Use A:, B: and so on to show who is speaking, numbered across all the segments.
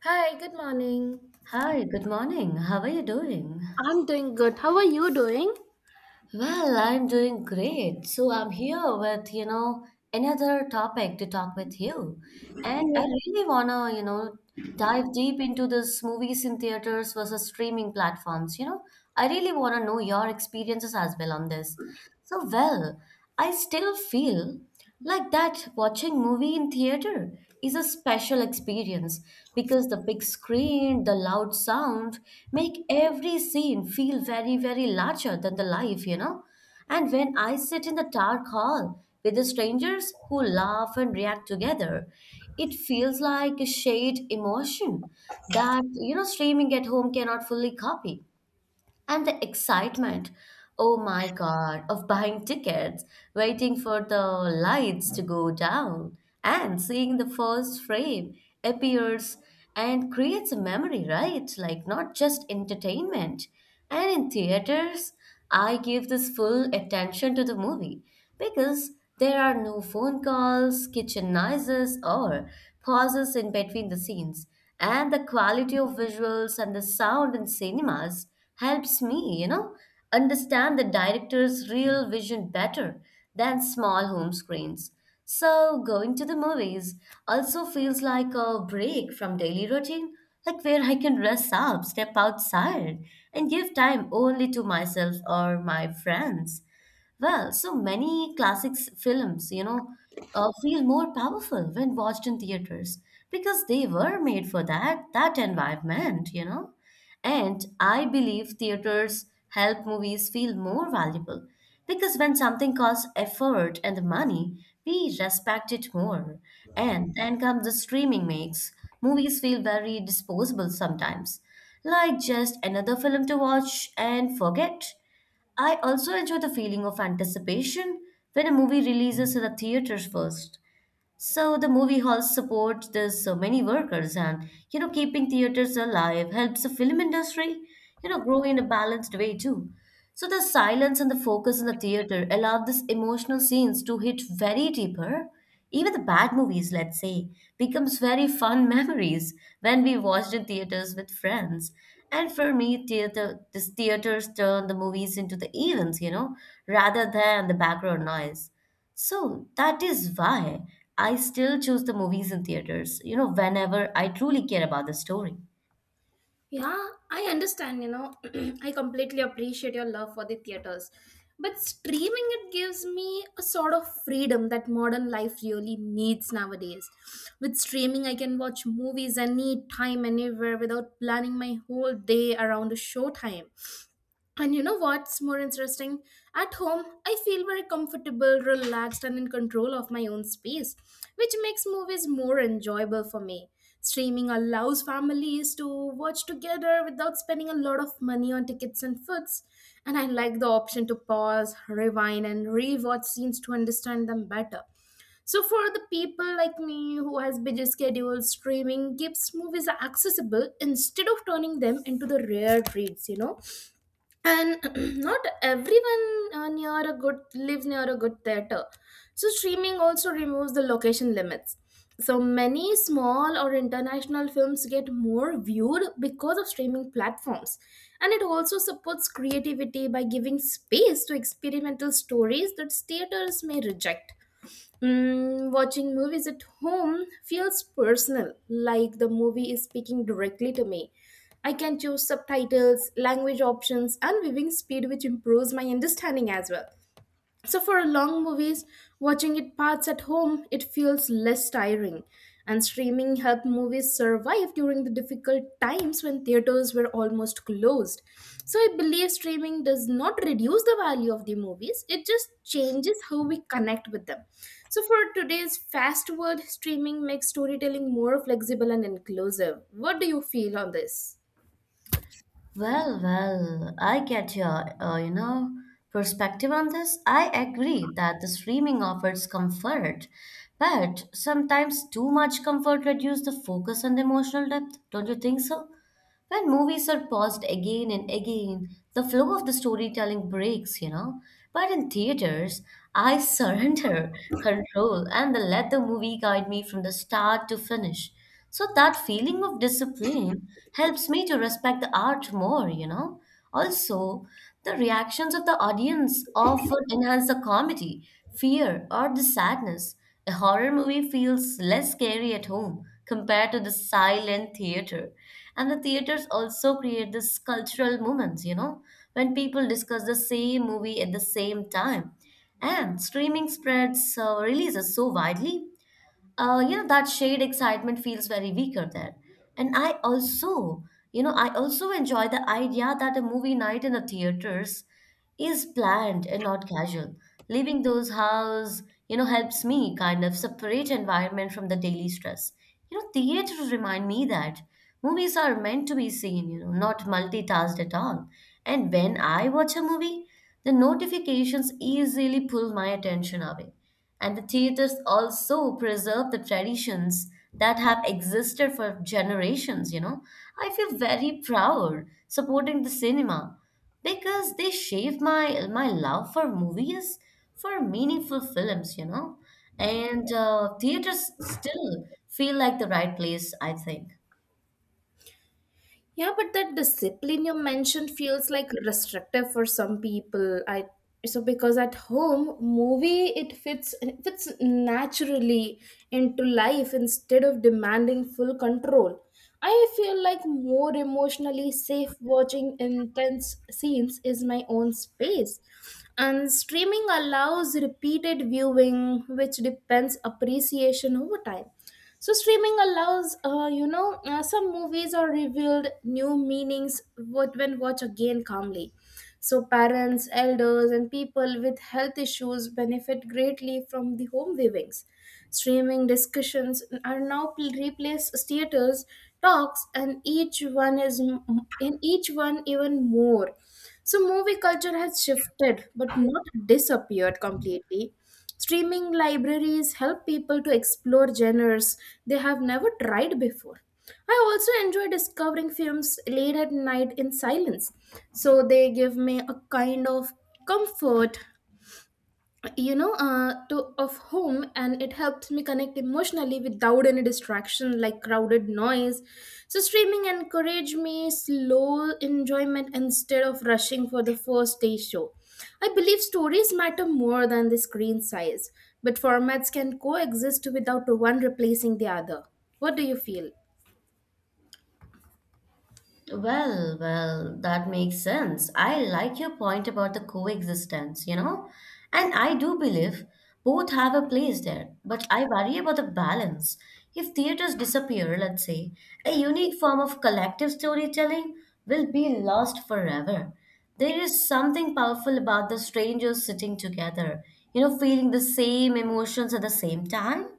A: Hi, good morning.
B: Hi, good morning. How are you doing?
A: I'm doing good. How are you doing?
B: Well, I'm doing great. So I'm here with, another topic to talk with you. And I really wanna, dive deep into this movies in theaters versus streaming platforms. I really wanna know your experiences as well on this. So, well, I still feel like that, watching movie in theater is a special experience because the big screen, the loud sound make every scene feel very, very larger than the life. And when I sit in the dark hall with the strangers who laugh and react together, it feels like a shared emotion that, streaming at home cannot fully copy. And the excitement, oh my God, of buying tickets, waiting for the lights to go down, and seeing the first frame appears and creates a memory, right? Like not just entertainment. And in theaters, I give this full attention to the movie because there are no phone calls, kitchen noises, or pauses in between the scenes. And the quality of visuals and the sound in cinemas helps me, understand the director's real vision better than small home screens. So, going to the movies also feels like a break from daily routine, like where I can rest up, step outside, and give time only to myself or my friends. Well, so many classics films, feel more powerful when watched in theaters because they were made for that environment. And I believe theaters help movies feel more valuable because when something costs effort and money, we respect it more. And then comes the streaming makes movies feel very disposable sometimes, like just another film to watch and forget. I also enjoy the feeling of anticipation when a movie releases in the theaters first. So the movie halls support this so many workers, and keeping theaters alive helps the film industry, grow in a balanced way too. So the silence and the focus in the theater allow these emotional scenes to hit very deeper. Even the bad movies, let's say, becomes very fun memories when we watched in theaters with friends. And for me, theater this theaters turn the movies into the events, rather than the background noise. So that is why I still choose the movies in theaters, whenever I truly care about the story.
A: Yeah, I understand, you know, I completely appreciate your love for the theaters. But streaming, it gives me a sort of freedom that modern life really needs nowadays. With streaming, I can watch movies anytime, anywhere without planning my whole day around a show time. And you know what's more interesting? At home, I feel very comfortable, relaxed, and in control of my own space, which makes movies more enjoyable for me. Streaming allows families to watch together without spending a lot of money on tickets and foods, and I like the option to pause, rewind, and rewatch scenes to understand them better. So for the people like me who has busy schedules, streaming gives movies accessible instead of turning them into the rare treats, you know, and not everyone near a good lives near a good theater. So streaming also removes the location limits. So many small or international films get more viewed because of streaming platforms, and it also supports creativity by giving space to experimental stories that theaters may reject. Mm, watching movies at home feels personal, like the movie is speaking directly to me. I can choose subtitles, language options, and viewing speed, which improves my understanding as well. So for long movies, watching it parts at home, it feels less tiring. And streaming helped movies survive during the difficult times when theaters were almost closed. So I believe streaming does not reduce the value of the movies, it just changes how we connect with them. So for today's fast world, streaming makes storytelling more flexible and inclusive. What do you feel on this?
B: Well, I get your, perspective on this. I agree that the streaming offers comfort, but sometimes too much comfort reduces the focus and the emotional depth. Don't you think so? When movies are paused again and again, the flow of the storytelling breaks. But in theaters, I surrender control and let the movie guide me from the start to finish. So that feeling of discipline helps me to respect the art more. Also, the reactions of the audience often enhance the comedy, fear, or the sadness. A horror movie feels less scary at home compared to the silent theater. And the theaters also create this cultural moments, when people discuss the same movie at the same time. And streaming spreads, releases so widely, that shared excitement feels very weaker there. And I also enjoy the idea that a movie night in a theaters is planned and not casual. Leaving those house, helps me kind of separate environment from the daily stress. Theaters remind me that movies are meant to be seen, not multitasked at all. And when I watch a movie, the notifications easily pull my attention away. And the theaters also preserve the traditions that have existed for generations. I feel very proud supporting the cinema because they shape my love for movies, for meaningful films. And theaters still feel like the right place, I think.
A: Yeah, but that discipline you mentioned feels like restrictive for some people. I, so because at home movie it fits naturally into life instead of demanding full control. I feel like more emotionally safe watching intense scenes is my own space. And streaming allows repeated viewing, which depends appreciation over time. So streaming allows, some movies are revealed new meanings what when watch again calmly. So parents, elders, and people with health issues benefit greatly from the home viewings. Streaming discussions are now replace theaters talks, and each one is in each one even more. So movie culture has shifted, but not disappeared completely. Streaming libraries help people to explore genres they have never tried before. I also enjoy discovering films late at night in silence, so they give me a kind of comfort, you know, to of home, and it helps me connect emotionally without any distraction like crowded noise. So streaming encourage me slow enjoyment instead of rushing for the first day show. I believe stories matter more than the screen size, but formats can coexist without one replacing the other. What do you feel?
B: Well, that makes sense. I like your point about the coexistence, and I do believe both have a place there, but I worry about the balance. If theaters disappear, let's say, a unique form of collective storytelling will be lost forever. There is something powerful about the strangers sitting together, feeling the same emotions at the same time.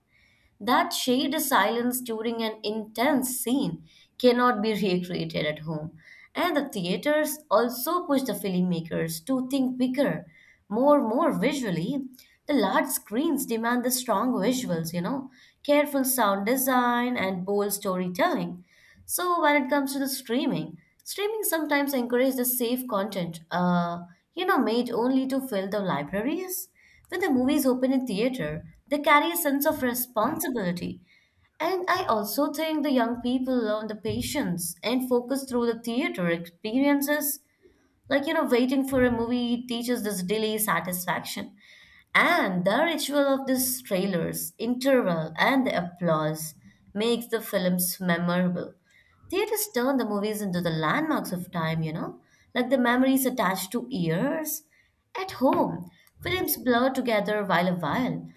B: That shared silence during an intense scene cannot be recreated at home. And the theaters also push the filmmakers to think bigger, more visually. The large screens demand the strong visuals, careful sound design and bold storytelling. So when it comes to the streaming sometimes encourages the safe content, made only to fill the libraries. When the movies open in theater, they carry a sense of responsibility. And I also think the young people learn the patience and focus through the theater experiences, like, waiting for a movie teaches this delay satisfaction. And the ritual of these trailers, interval, and the applause makes the films memorable. Theaters turn the movies into the landmarks of time, like the memories attached to years. At home, films blur together while a while.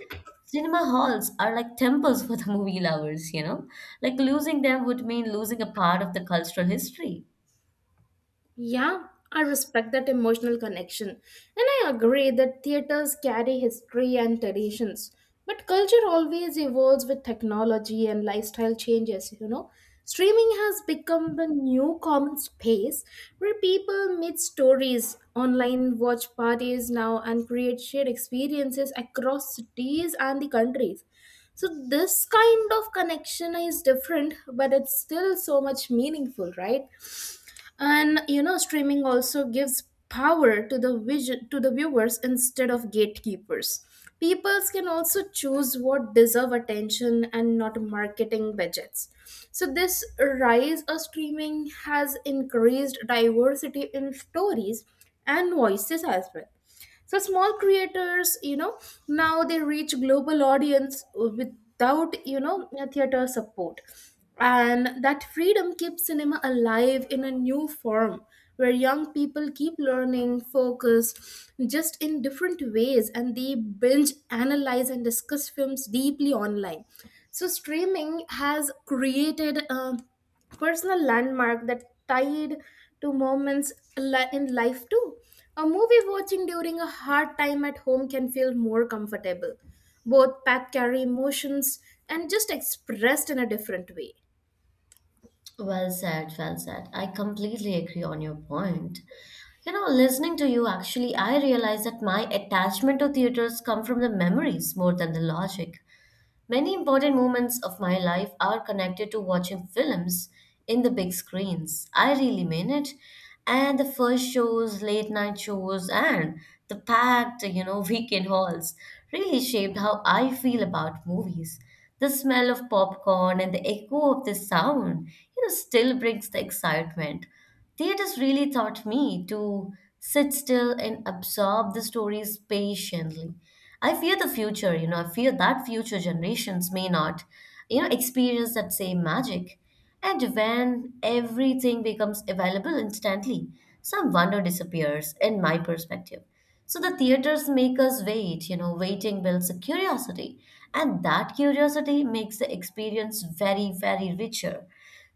B: Cinema halls are like temples for the movie lovers? Like losing them would mean losing a part of the cultural history.
A: Yeah, I respect that emotional connection. And I agree that theaters carry history and traditions. But culture always evolves with technology and lifestyle changes, you know. Streaming has become the new common space where people meet stories online, watch parties now, and create shared experiences across cities and the countries. So this kind of connection is different, but it's still so much meaningful, right? And you know streaming also gives power to the vision to the viewers instead of gatekeepers. Peoples can also choose what deserve attention and not marketing budgets. So this rise of streaming has increased diversity in stories and voices as well. So small creators, you know, now they reach global audience without, you know, theater support, and that freedom keeps cinema alive in a new form, where young people keep learning focused, just in different ways, and they binge analyze and discuss films deeply online. So streaming has created a personal landmark that tied to moments in life too. A movie watching during a hard time at home can feel more comfortable. Both path carry emotions and just expressed in a different way.
B: Well said, well said. I completely agree on your point. Listening to you, actually, I realize that my attachment to theaters come from the memories more than the logic. Many important moments of my life are connected to watching films in the big screens. I really mean it. And the first shows, late night shows, and the packed, weekend halls really shaped how I feel about movies. The smell of popcorn and the echo of the sound, still brings the excitement. Theaters really taught me to sit still and absorb the stories patiently. I fear the future, I fear that future generations may not, experience that same magic. And when everything becomes available instantly, some wonder disappears, in my perspective. So the theaters make us wait, waiting builds a curiosity. And that curiosity makes the experience very, very richer.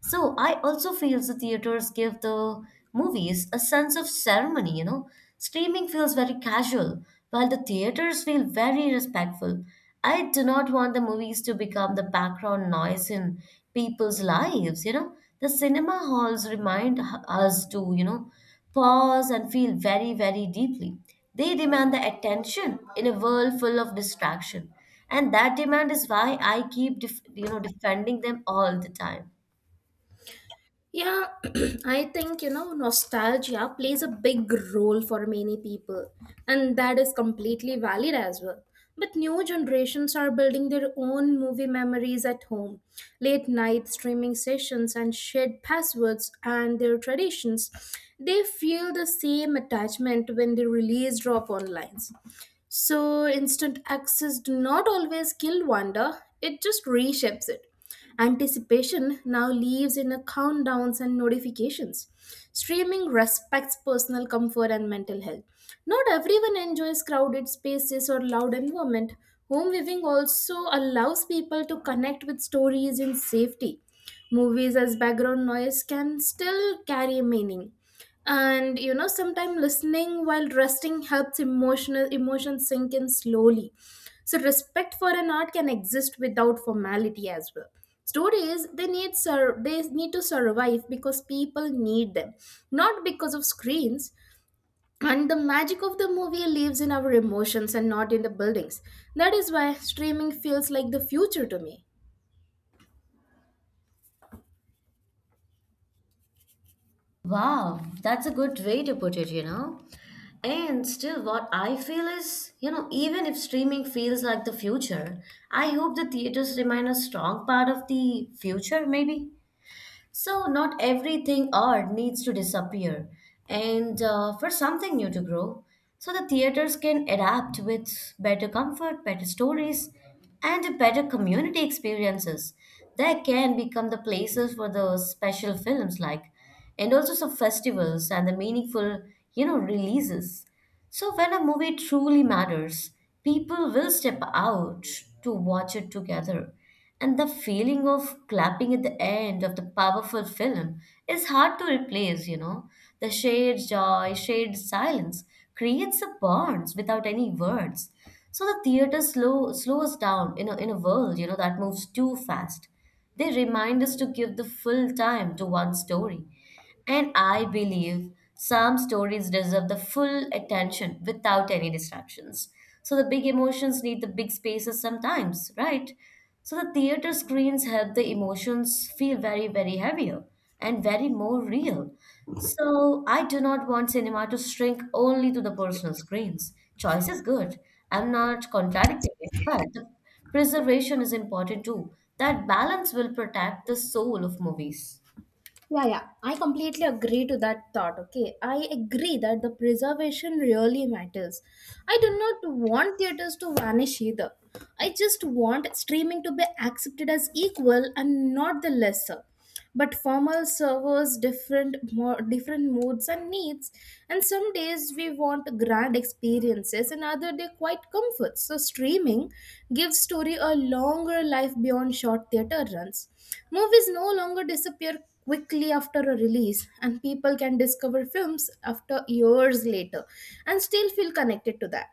B: So I also feel the theaters give the movies a sense of ceremony. Streaming feels very casual, while the theaters feel very respectful. I do not want the movies to become the background noise in people's lives. The cinema halls remind us to, pause and feel very, very deeply. They demand the attention in a world full of distraction. And that demand is why I keep, defending them all the time.
A: Yeah, I think, you know, nostalgia plays a big role for many people, and that is completely valid as well. But new generations are building their own movie memories at home, late night streaming sessions, and shared passwords and their traditions. They feel the same attachment when the release drop online. So instant access do not always kill wonder, it just reshapes it. Anticipation now lives in a countdowns and notifications. Streaming respects personal comfort and mental health. Not everyone enjoys crowded spaces or loud environment. Home viewing also allows people to connect with stories in safety. Movies as background noise can still carry meaning, and you know sometimes listening while resting helps emotional emotions sink in slowly. So respect for an art can exist without formality as well. Stories, they need they need to survive because people need them, not because of screens. And the magic of the movie lives in our emotions and not in the buildings. That is why streaming feels like the future to me.
B: Wow, that's a good way to put it. And still, what I feel is, even if streaming feels like the future, I hope the theaters remain a strong part of the future, maybe. So, not everything art needs to disappear and, for something new to grow. So, the theaters can adapt with better comfort, better stories, and better community experiences. They can become the places for the special films, like, and also some festivals and the meaningful, releases. So, when a movie truly matters, people will step out to watch it together. And the feeling of clapping at the end of the powerful film is hard to replace. The shared joy, shared silence creates a bonds without any words. So the theater slows down in a world, that moves too fast. They remind us to give the full time to one story. And I believe some stories deserve the full attention without any distractions. So the big emotions need the big spaces sometimes, right? So the theater screens help the emotions feel very, very heavier and very more real. So I do not want cinema to shrink only to the personal screens. Choice is good. I'm not contradicting it, but the preservation is important too. That balance will protect the soul of movies.
A: Yeah, yeah, I completely agree to that thought. Okay, I agree that the preservation really matters. I do not want theaters to vanish either. I just want streaming to be accepted as equal and not the lesser. But formal servers different more different moods and needs, and some days we want grand experiences, and other day quite comforts. So streaming gives story a longer life beyond short theater runs. Movies no longer disappear quickly after a release, and people can discover films after years later and still feel connected to that.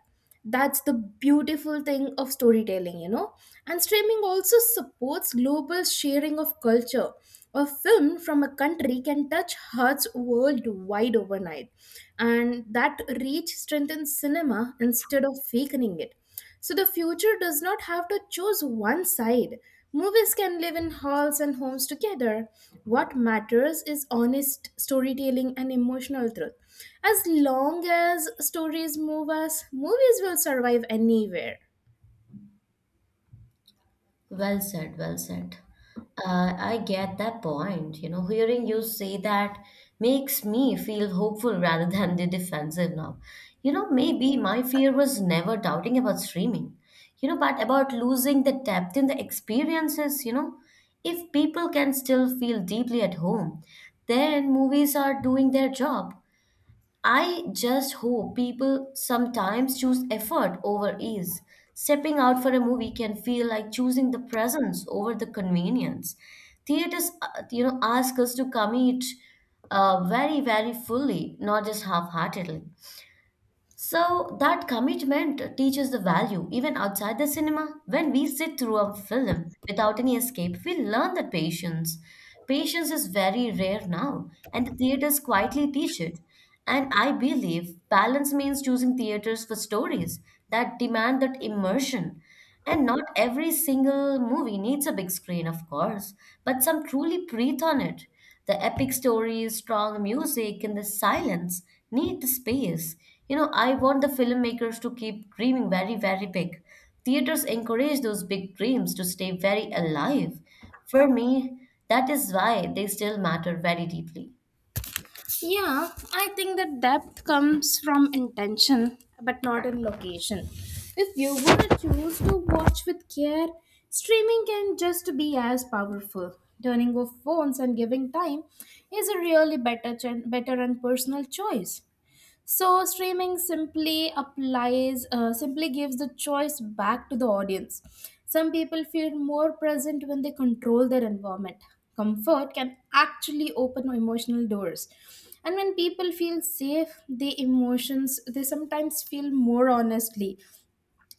A: That's the beautiful thing of storytelling, you know. And streaming also supports global sharing of culture. A film from a country can touch hearts worldwide overnight, and that reach strengthens cinema instead of weakening it. So the future does not have to choose one side. Movies can live in halls and homes together. What matters is honest storytelling and emotional truth. As long as stories move us, movies will survive anywhere.
B: Well said, well said. I get that point. Hearing you say that makes me feel hopeful rather than the defensive now. Maybe my fear was never doubting about streaming, but about losing the depth in the experiences. If people can still feel deeply at home, then movies are doing their job. I just hope people sometimes choose effort over ease. Stepping out for a movie can feel like choosing the presence over the convenience. Theaters, ask us to commit, very, very fully, not just half-heartedly. So that commitment teaches the value even outside the cinema. When we sit through a film without any escape, we learn that patience. Patience is very rare now, and the theaters quietly teach it. And I believe balance means choosing theaters for stories that demand that immersion. And not every single movie needs a big screen, of course, but some truly breathe on it. The epic stories, strong music, and the silence need the space. I want the filmmakers to keep dreaming very, very big. Theaters encourage those big dreams to stay very alive. For me, that is why they still matter very deeply.
A: Yeah, I think that depth comes from intention, but not in location. If you want to choose to watch with care, streaming can just be as powerful. Turning off phones and giving time is a really better, better and personal choice. So streaming simply applies, simply gives the choice back to the audience. Some people feel more present when they control their environment. Comfort can actually open emotional doors. And when people feel safe, their emotions, they sometimes feel more honestly.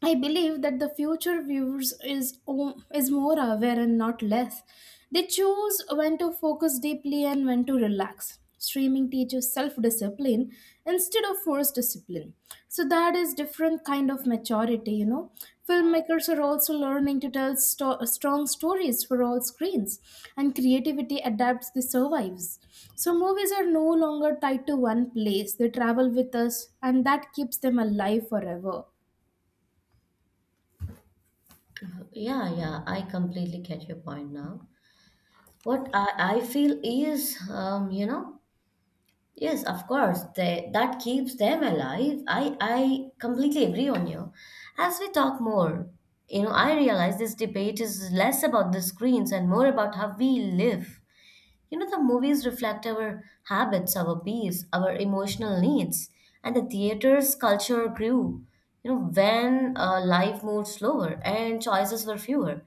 A: I believe that the future viewers is is more aware and not less. They choose when to focus deeply and when to relax. Streaming teaches self-discipline instead of forced discipline. So that is different kind of maturity, you know. Filmmakers are also learning to tell strong stories for all screens, and creativity adapts the survives. So movies are no longer tied to one place. They travel with us, and that keeps them alive forever.
B: Yeah, yeah, I completely get your point now. What I feel is, you know, Yes, of course. That keeps them alive. I completely agree on you. As we talk more. I realize this debate is less about the screens and more about how we live. The movies reflect our habits, our beliefs, our emotional needs, and the theater's culture grew when life moved slower and choices were fewer.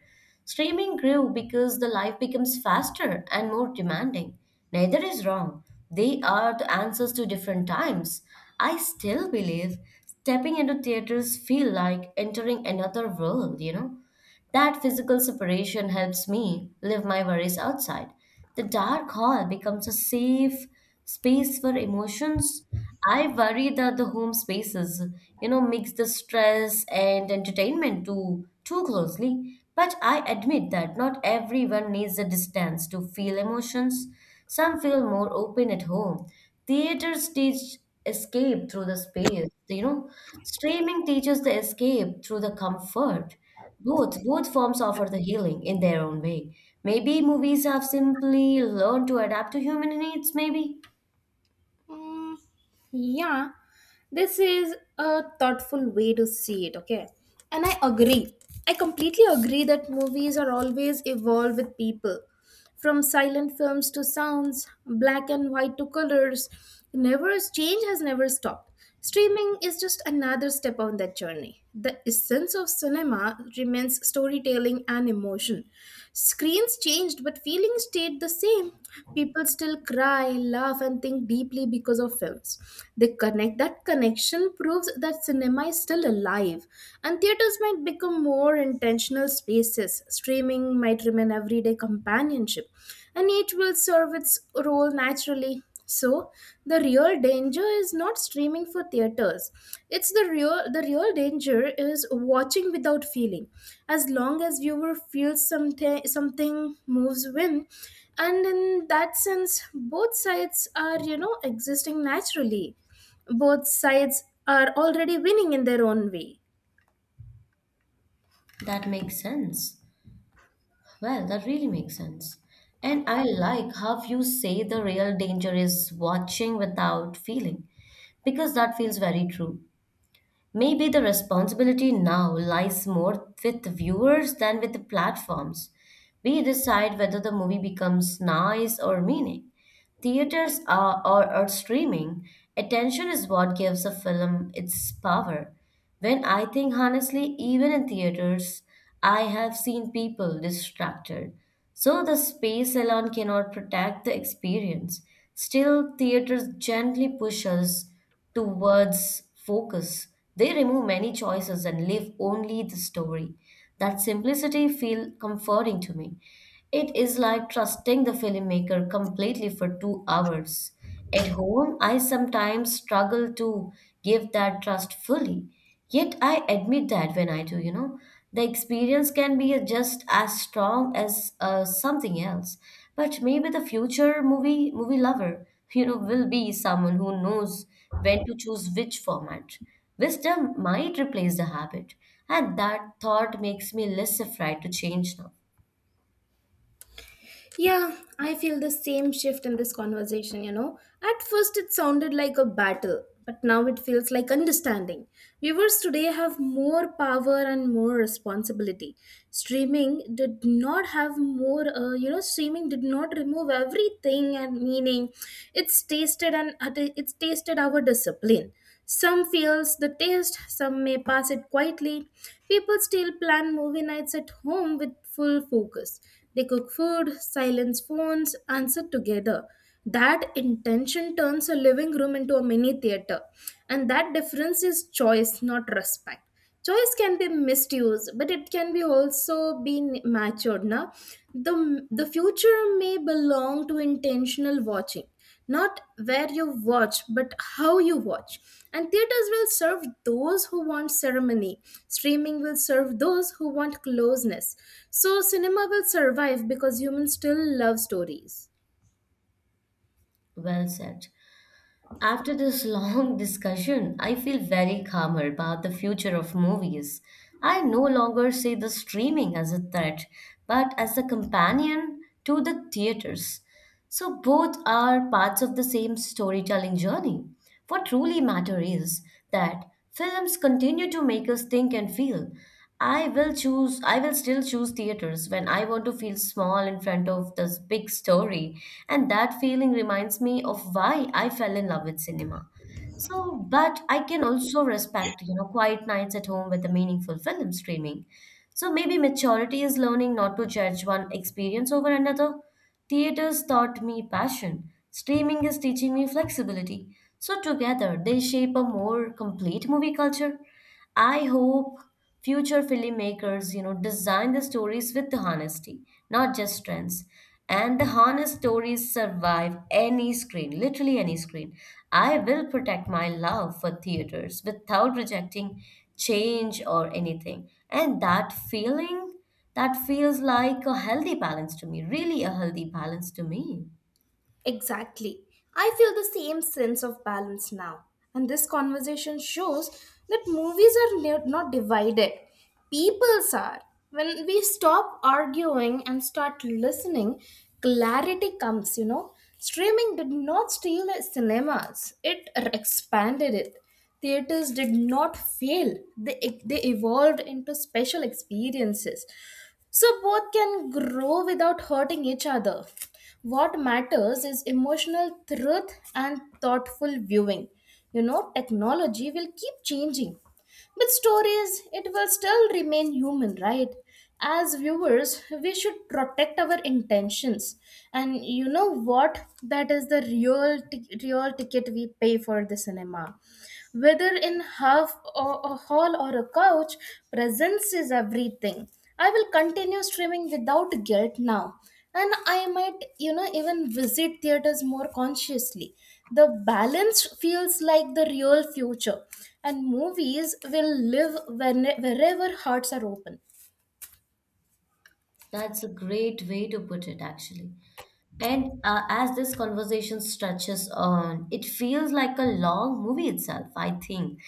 B: Streaming grew because the life becomes faster and more demanding. Neither is wrong. They are the answers to different times. I still believe stepping into theaters feel like entering another world. That physical separation helps me live my worries outside. The dark hall becomes a safe space for emotions. I worry that the home spaces mix the stress and entertainment too closely. But I admit that not everyone needs the distance to feel emotions. Some feel more open at home. Theater stage escape through the space. Streaming teaches the escape through the comfort. Both forms offer the healing in their own way. Maybe movies have simply learned to adapt to human needs, maybe.
A: Yeah, this is a thoughtful way to see it, okay? And I agree. I completely agree that movies are always evolved with people. From silent films to sounds, black and white to colors, never change has never stopped. Streaming is just another step on that journey. The essence of cinema remains storytelling and emotion. Screens changed, but feelings stayed the same. People still cry, laugh, and think deeply because of films. They connect. That connection proves that cinema is still alive. And theaters might become more intentional spaces. Streaming might remain everyday companionship. And each will serve its role naturally. So the real danger is not streaming for theaters. It's the real danger is watching without feeling. As long as viewer feels something, something moves win. And in that sense, both sides are, you know, existing naturally. Both sides are already winning in their own way.
B: That makes sense. Well, that really makes sense. And I like how you say the real danger is watching without feeling, because that feels very true. Maybe the responsibility now lies more with viewers than with the platforms. We decide whether the movie becomes nice or meaning. Theaters are, or streaming, attention is what gives a film its power. When I think honestly, even in theaters, I have seen people distracted. So the space alone cannot protect the experience. Still, theaters gently push us towards focus. They remove many choices and leave only the story. That simplicity feels comforting to me. It is like trusting the filmmaker completely for 2 hours. At home, I sometimes struggle to give that trust fully. Yet I admit that when I do, the experience can be just as strong as something else. But maybe the future movie lover, will be someone who knows when to choose which format. Wisdom might replace the habit, and that thought makes me less afraid to change now.
A: Yeah, I feel the same shift in this conversation, you know. At first, it sounded like a battle, but now it feels like understanding. Viewers today have more power and more responsibility. Streaming did not have more, streaming did not remove everything and meaning. It's tasted, and it's tasted our discipline. Some feels the taste, some may pass it quietly. People still plan movie nights at home with full focus. They cook food, silence phones, answer together. That intention turns a living room into a mini theater. And that difference is choice, not respect. Choice can be misused, but it can be also be matured now. The the future may belong to intentional watching, not where you watch but how you watch. And theaters will serve those who want ceremony, streaming will serve those who want closeness. So cinema will survive because humans still love stories.
B: Well said. After this long discussion, I feel very calmer about the future of movies. I no longer see the streaming as a threat, but as a companion to the theaters. So both are parts of the same storytelling journey. What truly matters is that films continue to make us think and feel. I will still choose theaters when I want to feel small in front of this big story, and that feeling reminds me of why I fell in love with cinema. So, but I can also respect, quiet nights at home with a meaningful film streaming. So maybe maturity is learning not to judge one experience over another. Theaters taught me passion. Streaming is teaching me flexibility. So together, they shape a more complete movie culture. I hope future filmmakers, design the stories with honesty, not just trends. And the honest stories survive any screen, literally any screen. I will protect my love for theaters without rejecting change or anything. And that feeling, that feels like a healthy balance to me, really a healthy balance to me.
A: Exactly. I feel the same sense of balance now. And this conversation shows that movies are not divided, peoples are. When we stop arguing and start listening, clarity comes, you know. Streaming did not steal cinemas, it expanded it. Theaters did not fail, they evolved into special experiences. So both can grow without hurting each other. What matters is emotional truth and thoughtful viewing. You know, technology will keep changing. But stories, it will still remain human, right? As viewers, we should protect our intentions. And you know what? That is the real, real ticket we pay for the cinema. Whether in half or a hall or a couch, presence is everything. I will continue streaming without guilt now. And I might, even visit theaters more consciously. The balance feels like the real future, and movies will live when, wherever hearts are open.
B: That's a great way to put it, actually. And as this conversation stretches on, it feels like a long movie itself, I think.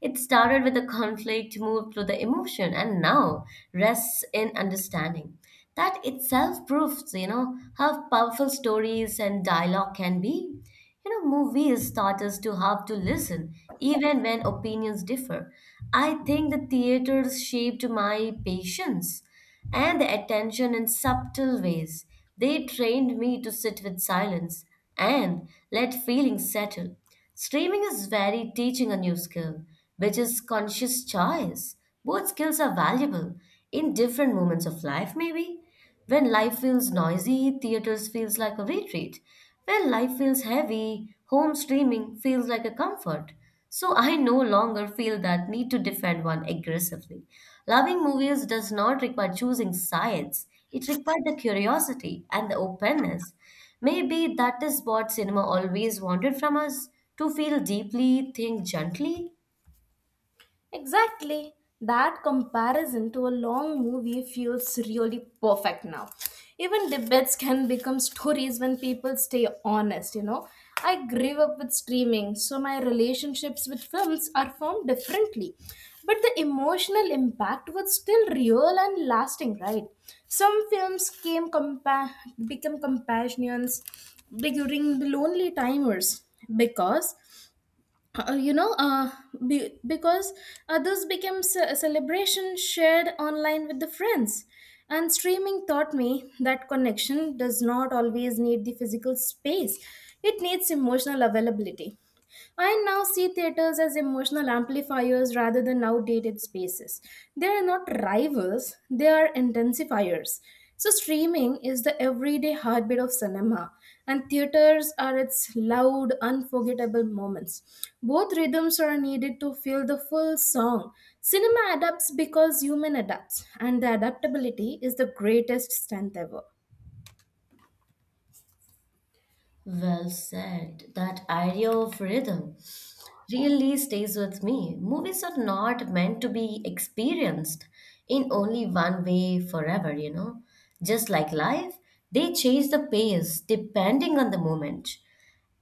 B: It started with a conflict, moved through the emotion, and now rests in understanding. That itself proves, how powerful stories and dialogue can be. Movies taught us to have to listen, even when opinions differ. I think the theaters shaped my patience and the attention in subtle ways. They trained me to sit with silence and let feelings settle. Streaming is very teaching a new skill, which is conscious choice. Both skills are valuable in different moments of life, maybe. When life feels noisy, theaters feels like a retreat. When life feels heavy, home streaming feels like a comfort. So I no longer feel that need to defend one aggressively. Loving movies does not require choosing sides. It requires the curiosity and the openness. Maybe that is what cinema always wanted from us to feel deeply, think gently.
A: Exactly. That comparison to a long movie feels really perfect now. Even debates can become stories when people stay honest, you know. I grew up with streaming, so my relationships with films are formed differently. But the emotional impact was still real and lasting, right? Some films become companions during the lonely timers because uh, you know uh, because this became a celebration shared online with the friends, and streaming taught me that connection does not always need the physical space. It needs emotional availability. I now see theaters as emotional amplifiers rather than outdated spaces. They are not rivals, they are intensifiers. So, streaming is the everyday heartbeat of cinema, and theaters are its loud, unforgettable moments. Both rhythms are needed to feel the full song. Cinema adapts because human adapts, and the adaptability is the greatest strength ever.
B: Well said. That idea of rhythm really stays with me. Movies are not meant to be experienced in only one way forever, you know. Just like life, they change the pace depending on the moment.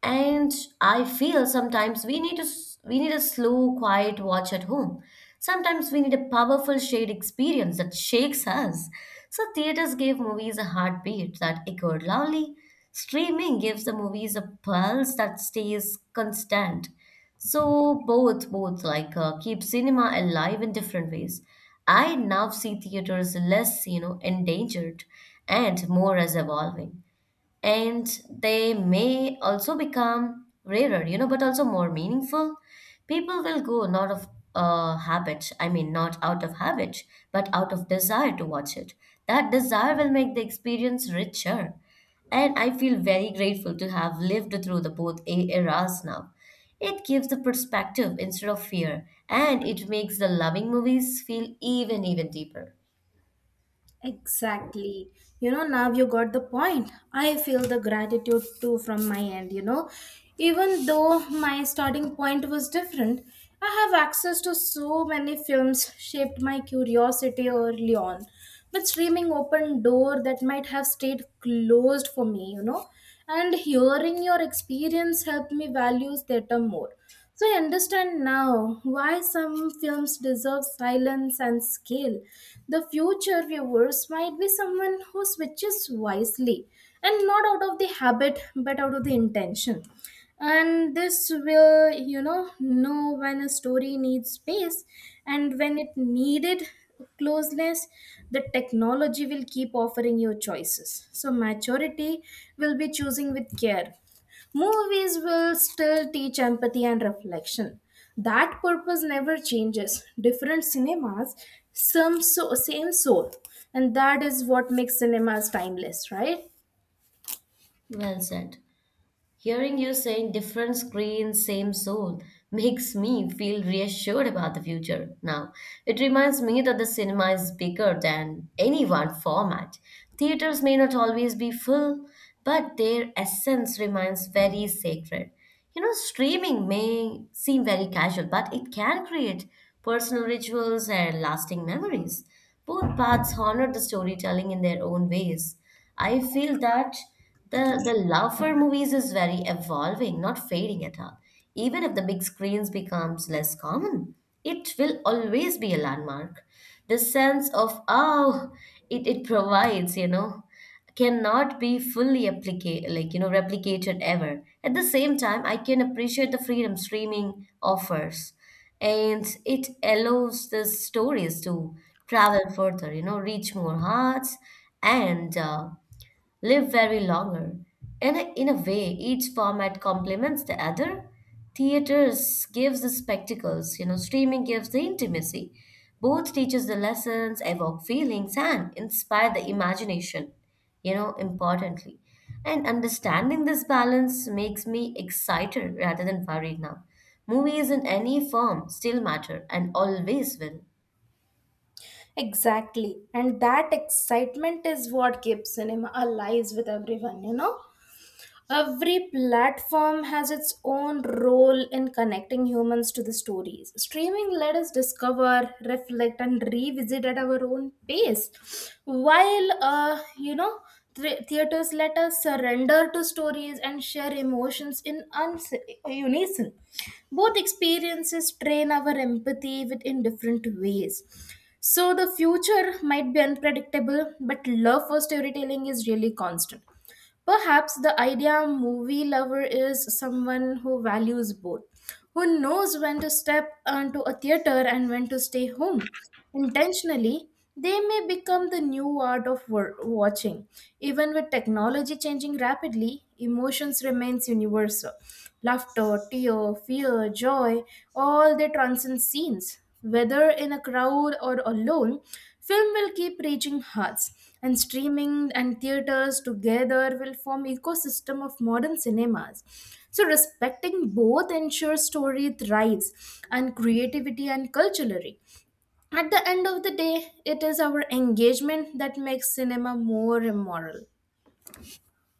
B: And I feel sometimes we need a slow, quiet watch at home. Sometimes we need a powerful shared experience that shakes us. So theaters gave movies a heartbeat that echoed loudly. Streaming gives the movies a pulse that stays constant. So both keep cinema alive in different ways. I now see theaters less, endangered and more as evolving, and they may also become rarer, you know, but also more meaningful. People will go not of habit I mean not out of habit but out of desire to watch it. That desire will make the experience richer, and I feel very grateful to have lived through the both eras now. It gives the perspective instead of fear, and it makes the loving movies feel even deeper.
A: Exactly. You know, now you got the point. I feel the gratitude too from my end, you know. Even though my starting point was different, I have access to so many films shaped my curiosity early on. But streaming opened door that might have stayed closed for me, you know. And hearing your experience helped me value theater more. So I understand now why some films deserve silence and scale. The future viewers might be someone who switches wisely and not out of the habit but out of the intention. And this will, know when a story needs space and when it needed closeness. The technology will keep offering you choices. So maturity will be choosing with care. Movies will still teach empathy and reflection. That purpose never changes. Different cinemas, same soul. And that is what makes cinemas timeless, right?
B: Well said. Hearing you saying different screen, same soul makes me feel reassured about the future now. It reminds me that the cinema is bigger than any one format. Theaters may not always be full, but their essence remains very sacred. You know, streaming may seem very casual, but it can create personal rituals and lasting memories. Both paths honor the storytelling in their own ways. I feel that the love for movies is very evolving, not fading at all. Even if the big screens becomes less common, it will always be a landmark. The sense of, oh, it provides, you know, cannot be fully applicate, like, you know, replicated ever. At the same time, I can appreciate the freedom streaming offers, and it allows the stories to travel further, you know, reach more hearts, and live very longer. And in a way, each format complements the other. Theaters gives the spectacles, you know, streaming gives the intimacy. Both teaches the lessons, evoke feelings, and inspire the imagination, you know, importantly. And understanding this balance makes me excited rather than worried now. Movies in any form still matter and always will.
A: Exactly. And that excitement is what keeps cinema alive with everyone, you know? Every platform has its own role in connecting humans to the stories. Streaming let us discover, reflect, and revisit at our own pace, while theaters let us surrender to stories and share emotions in unison. Both experiences train our empathy within different ways. So the future might be unpredictable, but love for storytelling is really constant. Perhaps the idea movie lover is someone who values both, who knows when to step onto a theater and when to stay home. Intentionally, they may become the new art of watching. Even with technology changing rapidly, emotions remains universal. Laughter, tear, fear, joy, all they transcend scenes. Whether in a crowd or alone, film will keep reaching hearts, and streaming and theaters together will form ecosystem of modern cinemas. So respecting both ensures story thrives and creativity and culturally. At the end of the day, it is our engagement that makes cinema more immoral.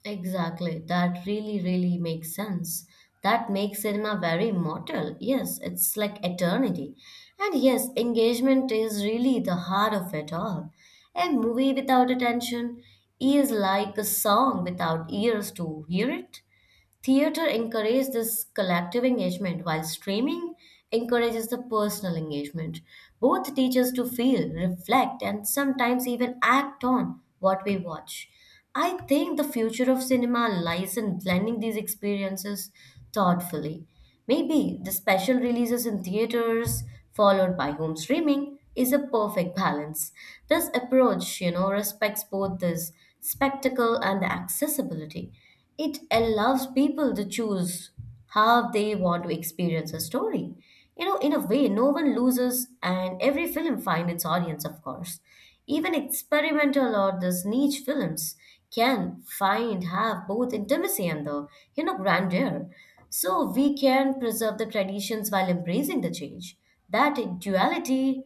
B: Exactly. That really, really makes sense. That makes cinema very immortal. Yes, it's like eternity. And yes, engagement is really the heart of it all. A movie without attention is like a song without ears to hear it. Theater encourages this collective engagement, while streaming encourages the personal engagement. Both teach us to feel, reflect, and sometimes even act on what we watch. I think the future of cinema lies in blending these experiences thoughtfully. Maybe the special releases in theaters, followed by home streaming, is a perfect balance. This approach, respects both this spectacle and the accessibility. It allows people to choose how they want to experience a story. You know, in a way, no one loses, and every film finds its audience, of course. Even experimental or these niche films can find have both intimacy and the, you know, grandeur. So we can preserve the traditions while embracing the change. That duality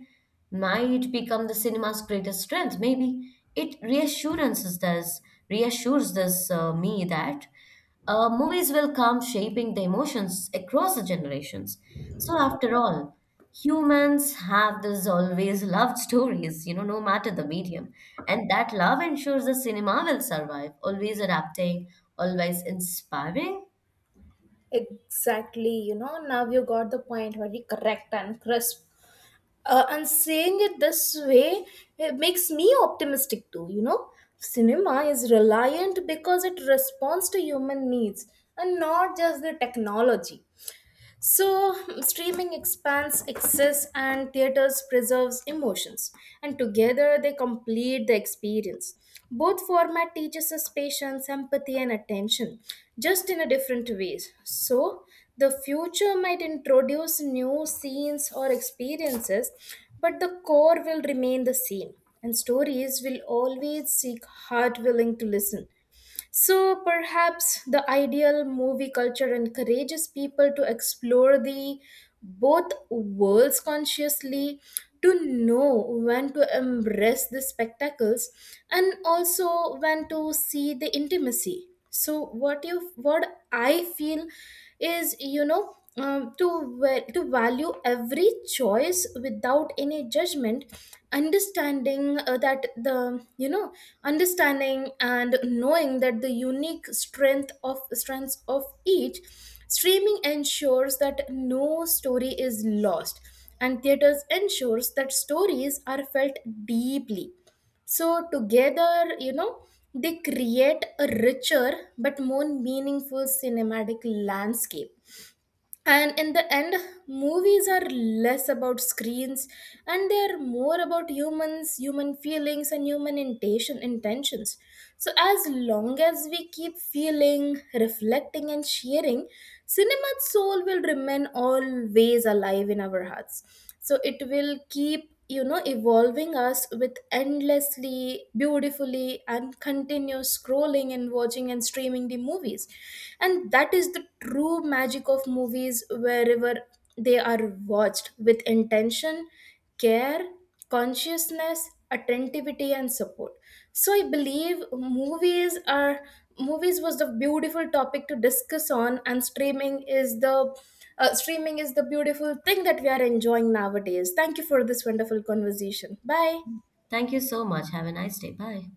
B: might become the cinema's greatest strength. Maybe it reassurances us, reassures this me that movies will come shaping the emotions across the generations. So after all, humans have this always loved stories, you know, no matter the medium, and that love ensures the cinema will survive, always adapting, always inspiring.
A: Exactly, you know, now you got the point very correct and crisp. And saying it this way, it makes me optimistic too, you know. Cinema is reliant because it responds to human needs and not just the technology. So, streaming expands access and theaters preserves emotions, and together they complete the experience. Both format teaches us patience, empathy, and attention, just in a different ways. So, the future might introduce new scenes or experiences, but the core will remain the same, and stories will always seek heart willing to listen. So perhaps the ideal movie culture encourages people to explore the both worlds consciously, to know when to embrace the spectacles and also when to see the intimacy. So what you, what I feel is, you know, to value every choice without any judgment, understanding that the you know understanding and knowing that the unique strengths of each. Streaming ensures that no story is lost, and theaters ensures that stories are felt deeply. So, together, you know, they create a richer but more meaningful cinematic landscape. And in the end, movies are less about screens and they are more about humans, human feelings, and human intentions. So, as long as we keep feeling, reflecting, and sharing, cinema's soul will remain always alive in our hearts. So it will keep, you know, evolving us with endlessly beautifully and continuous scrolling and watching and streaming the movies. And that is the true magic of movies, wherever they are watched with intention, care, consciousness, attentivity, and support. So I believe movies was the beautiful topic to discuss on, and streaming is the beautiful thing that we are enjoying nowadays. Thank you for this wonderful conversation. Bye.
B: Thank you so much. Have a nice day. Bye.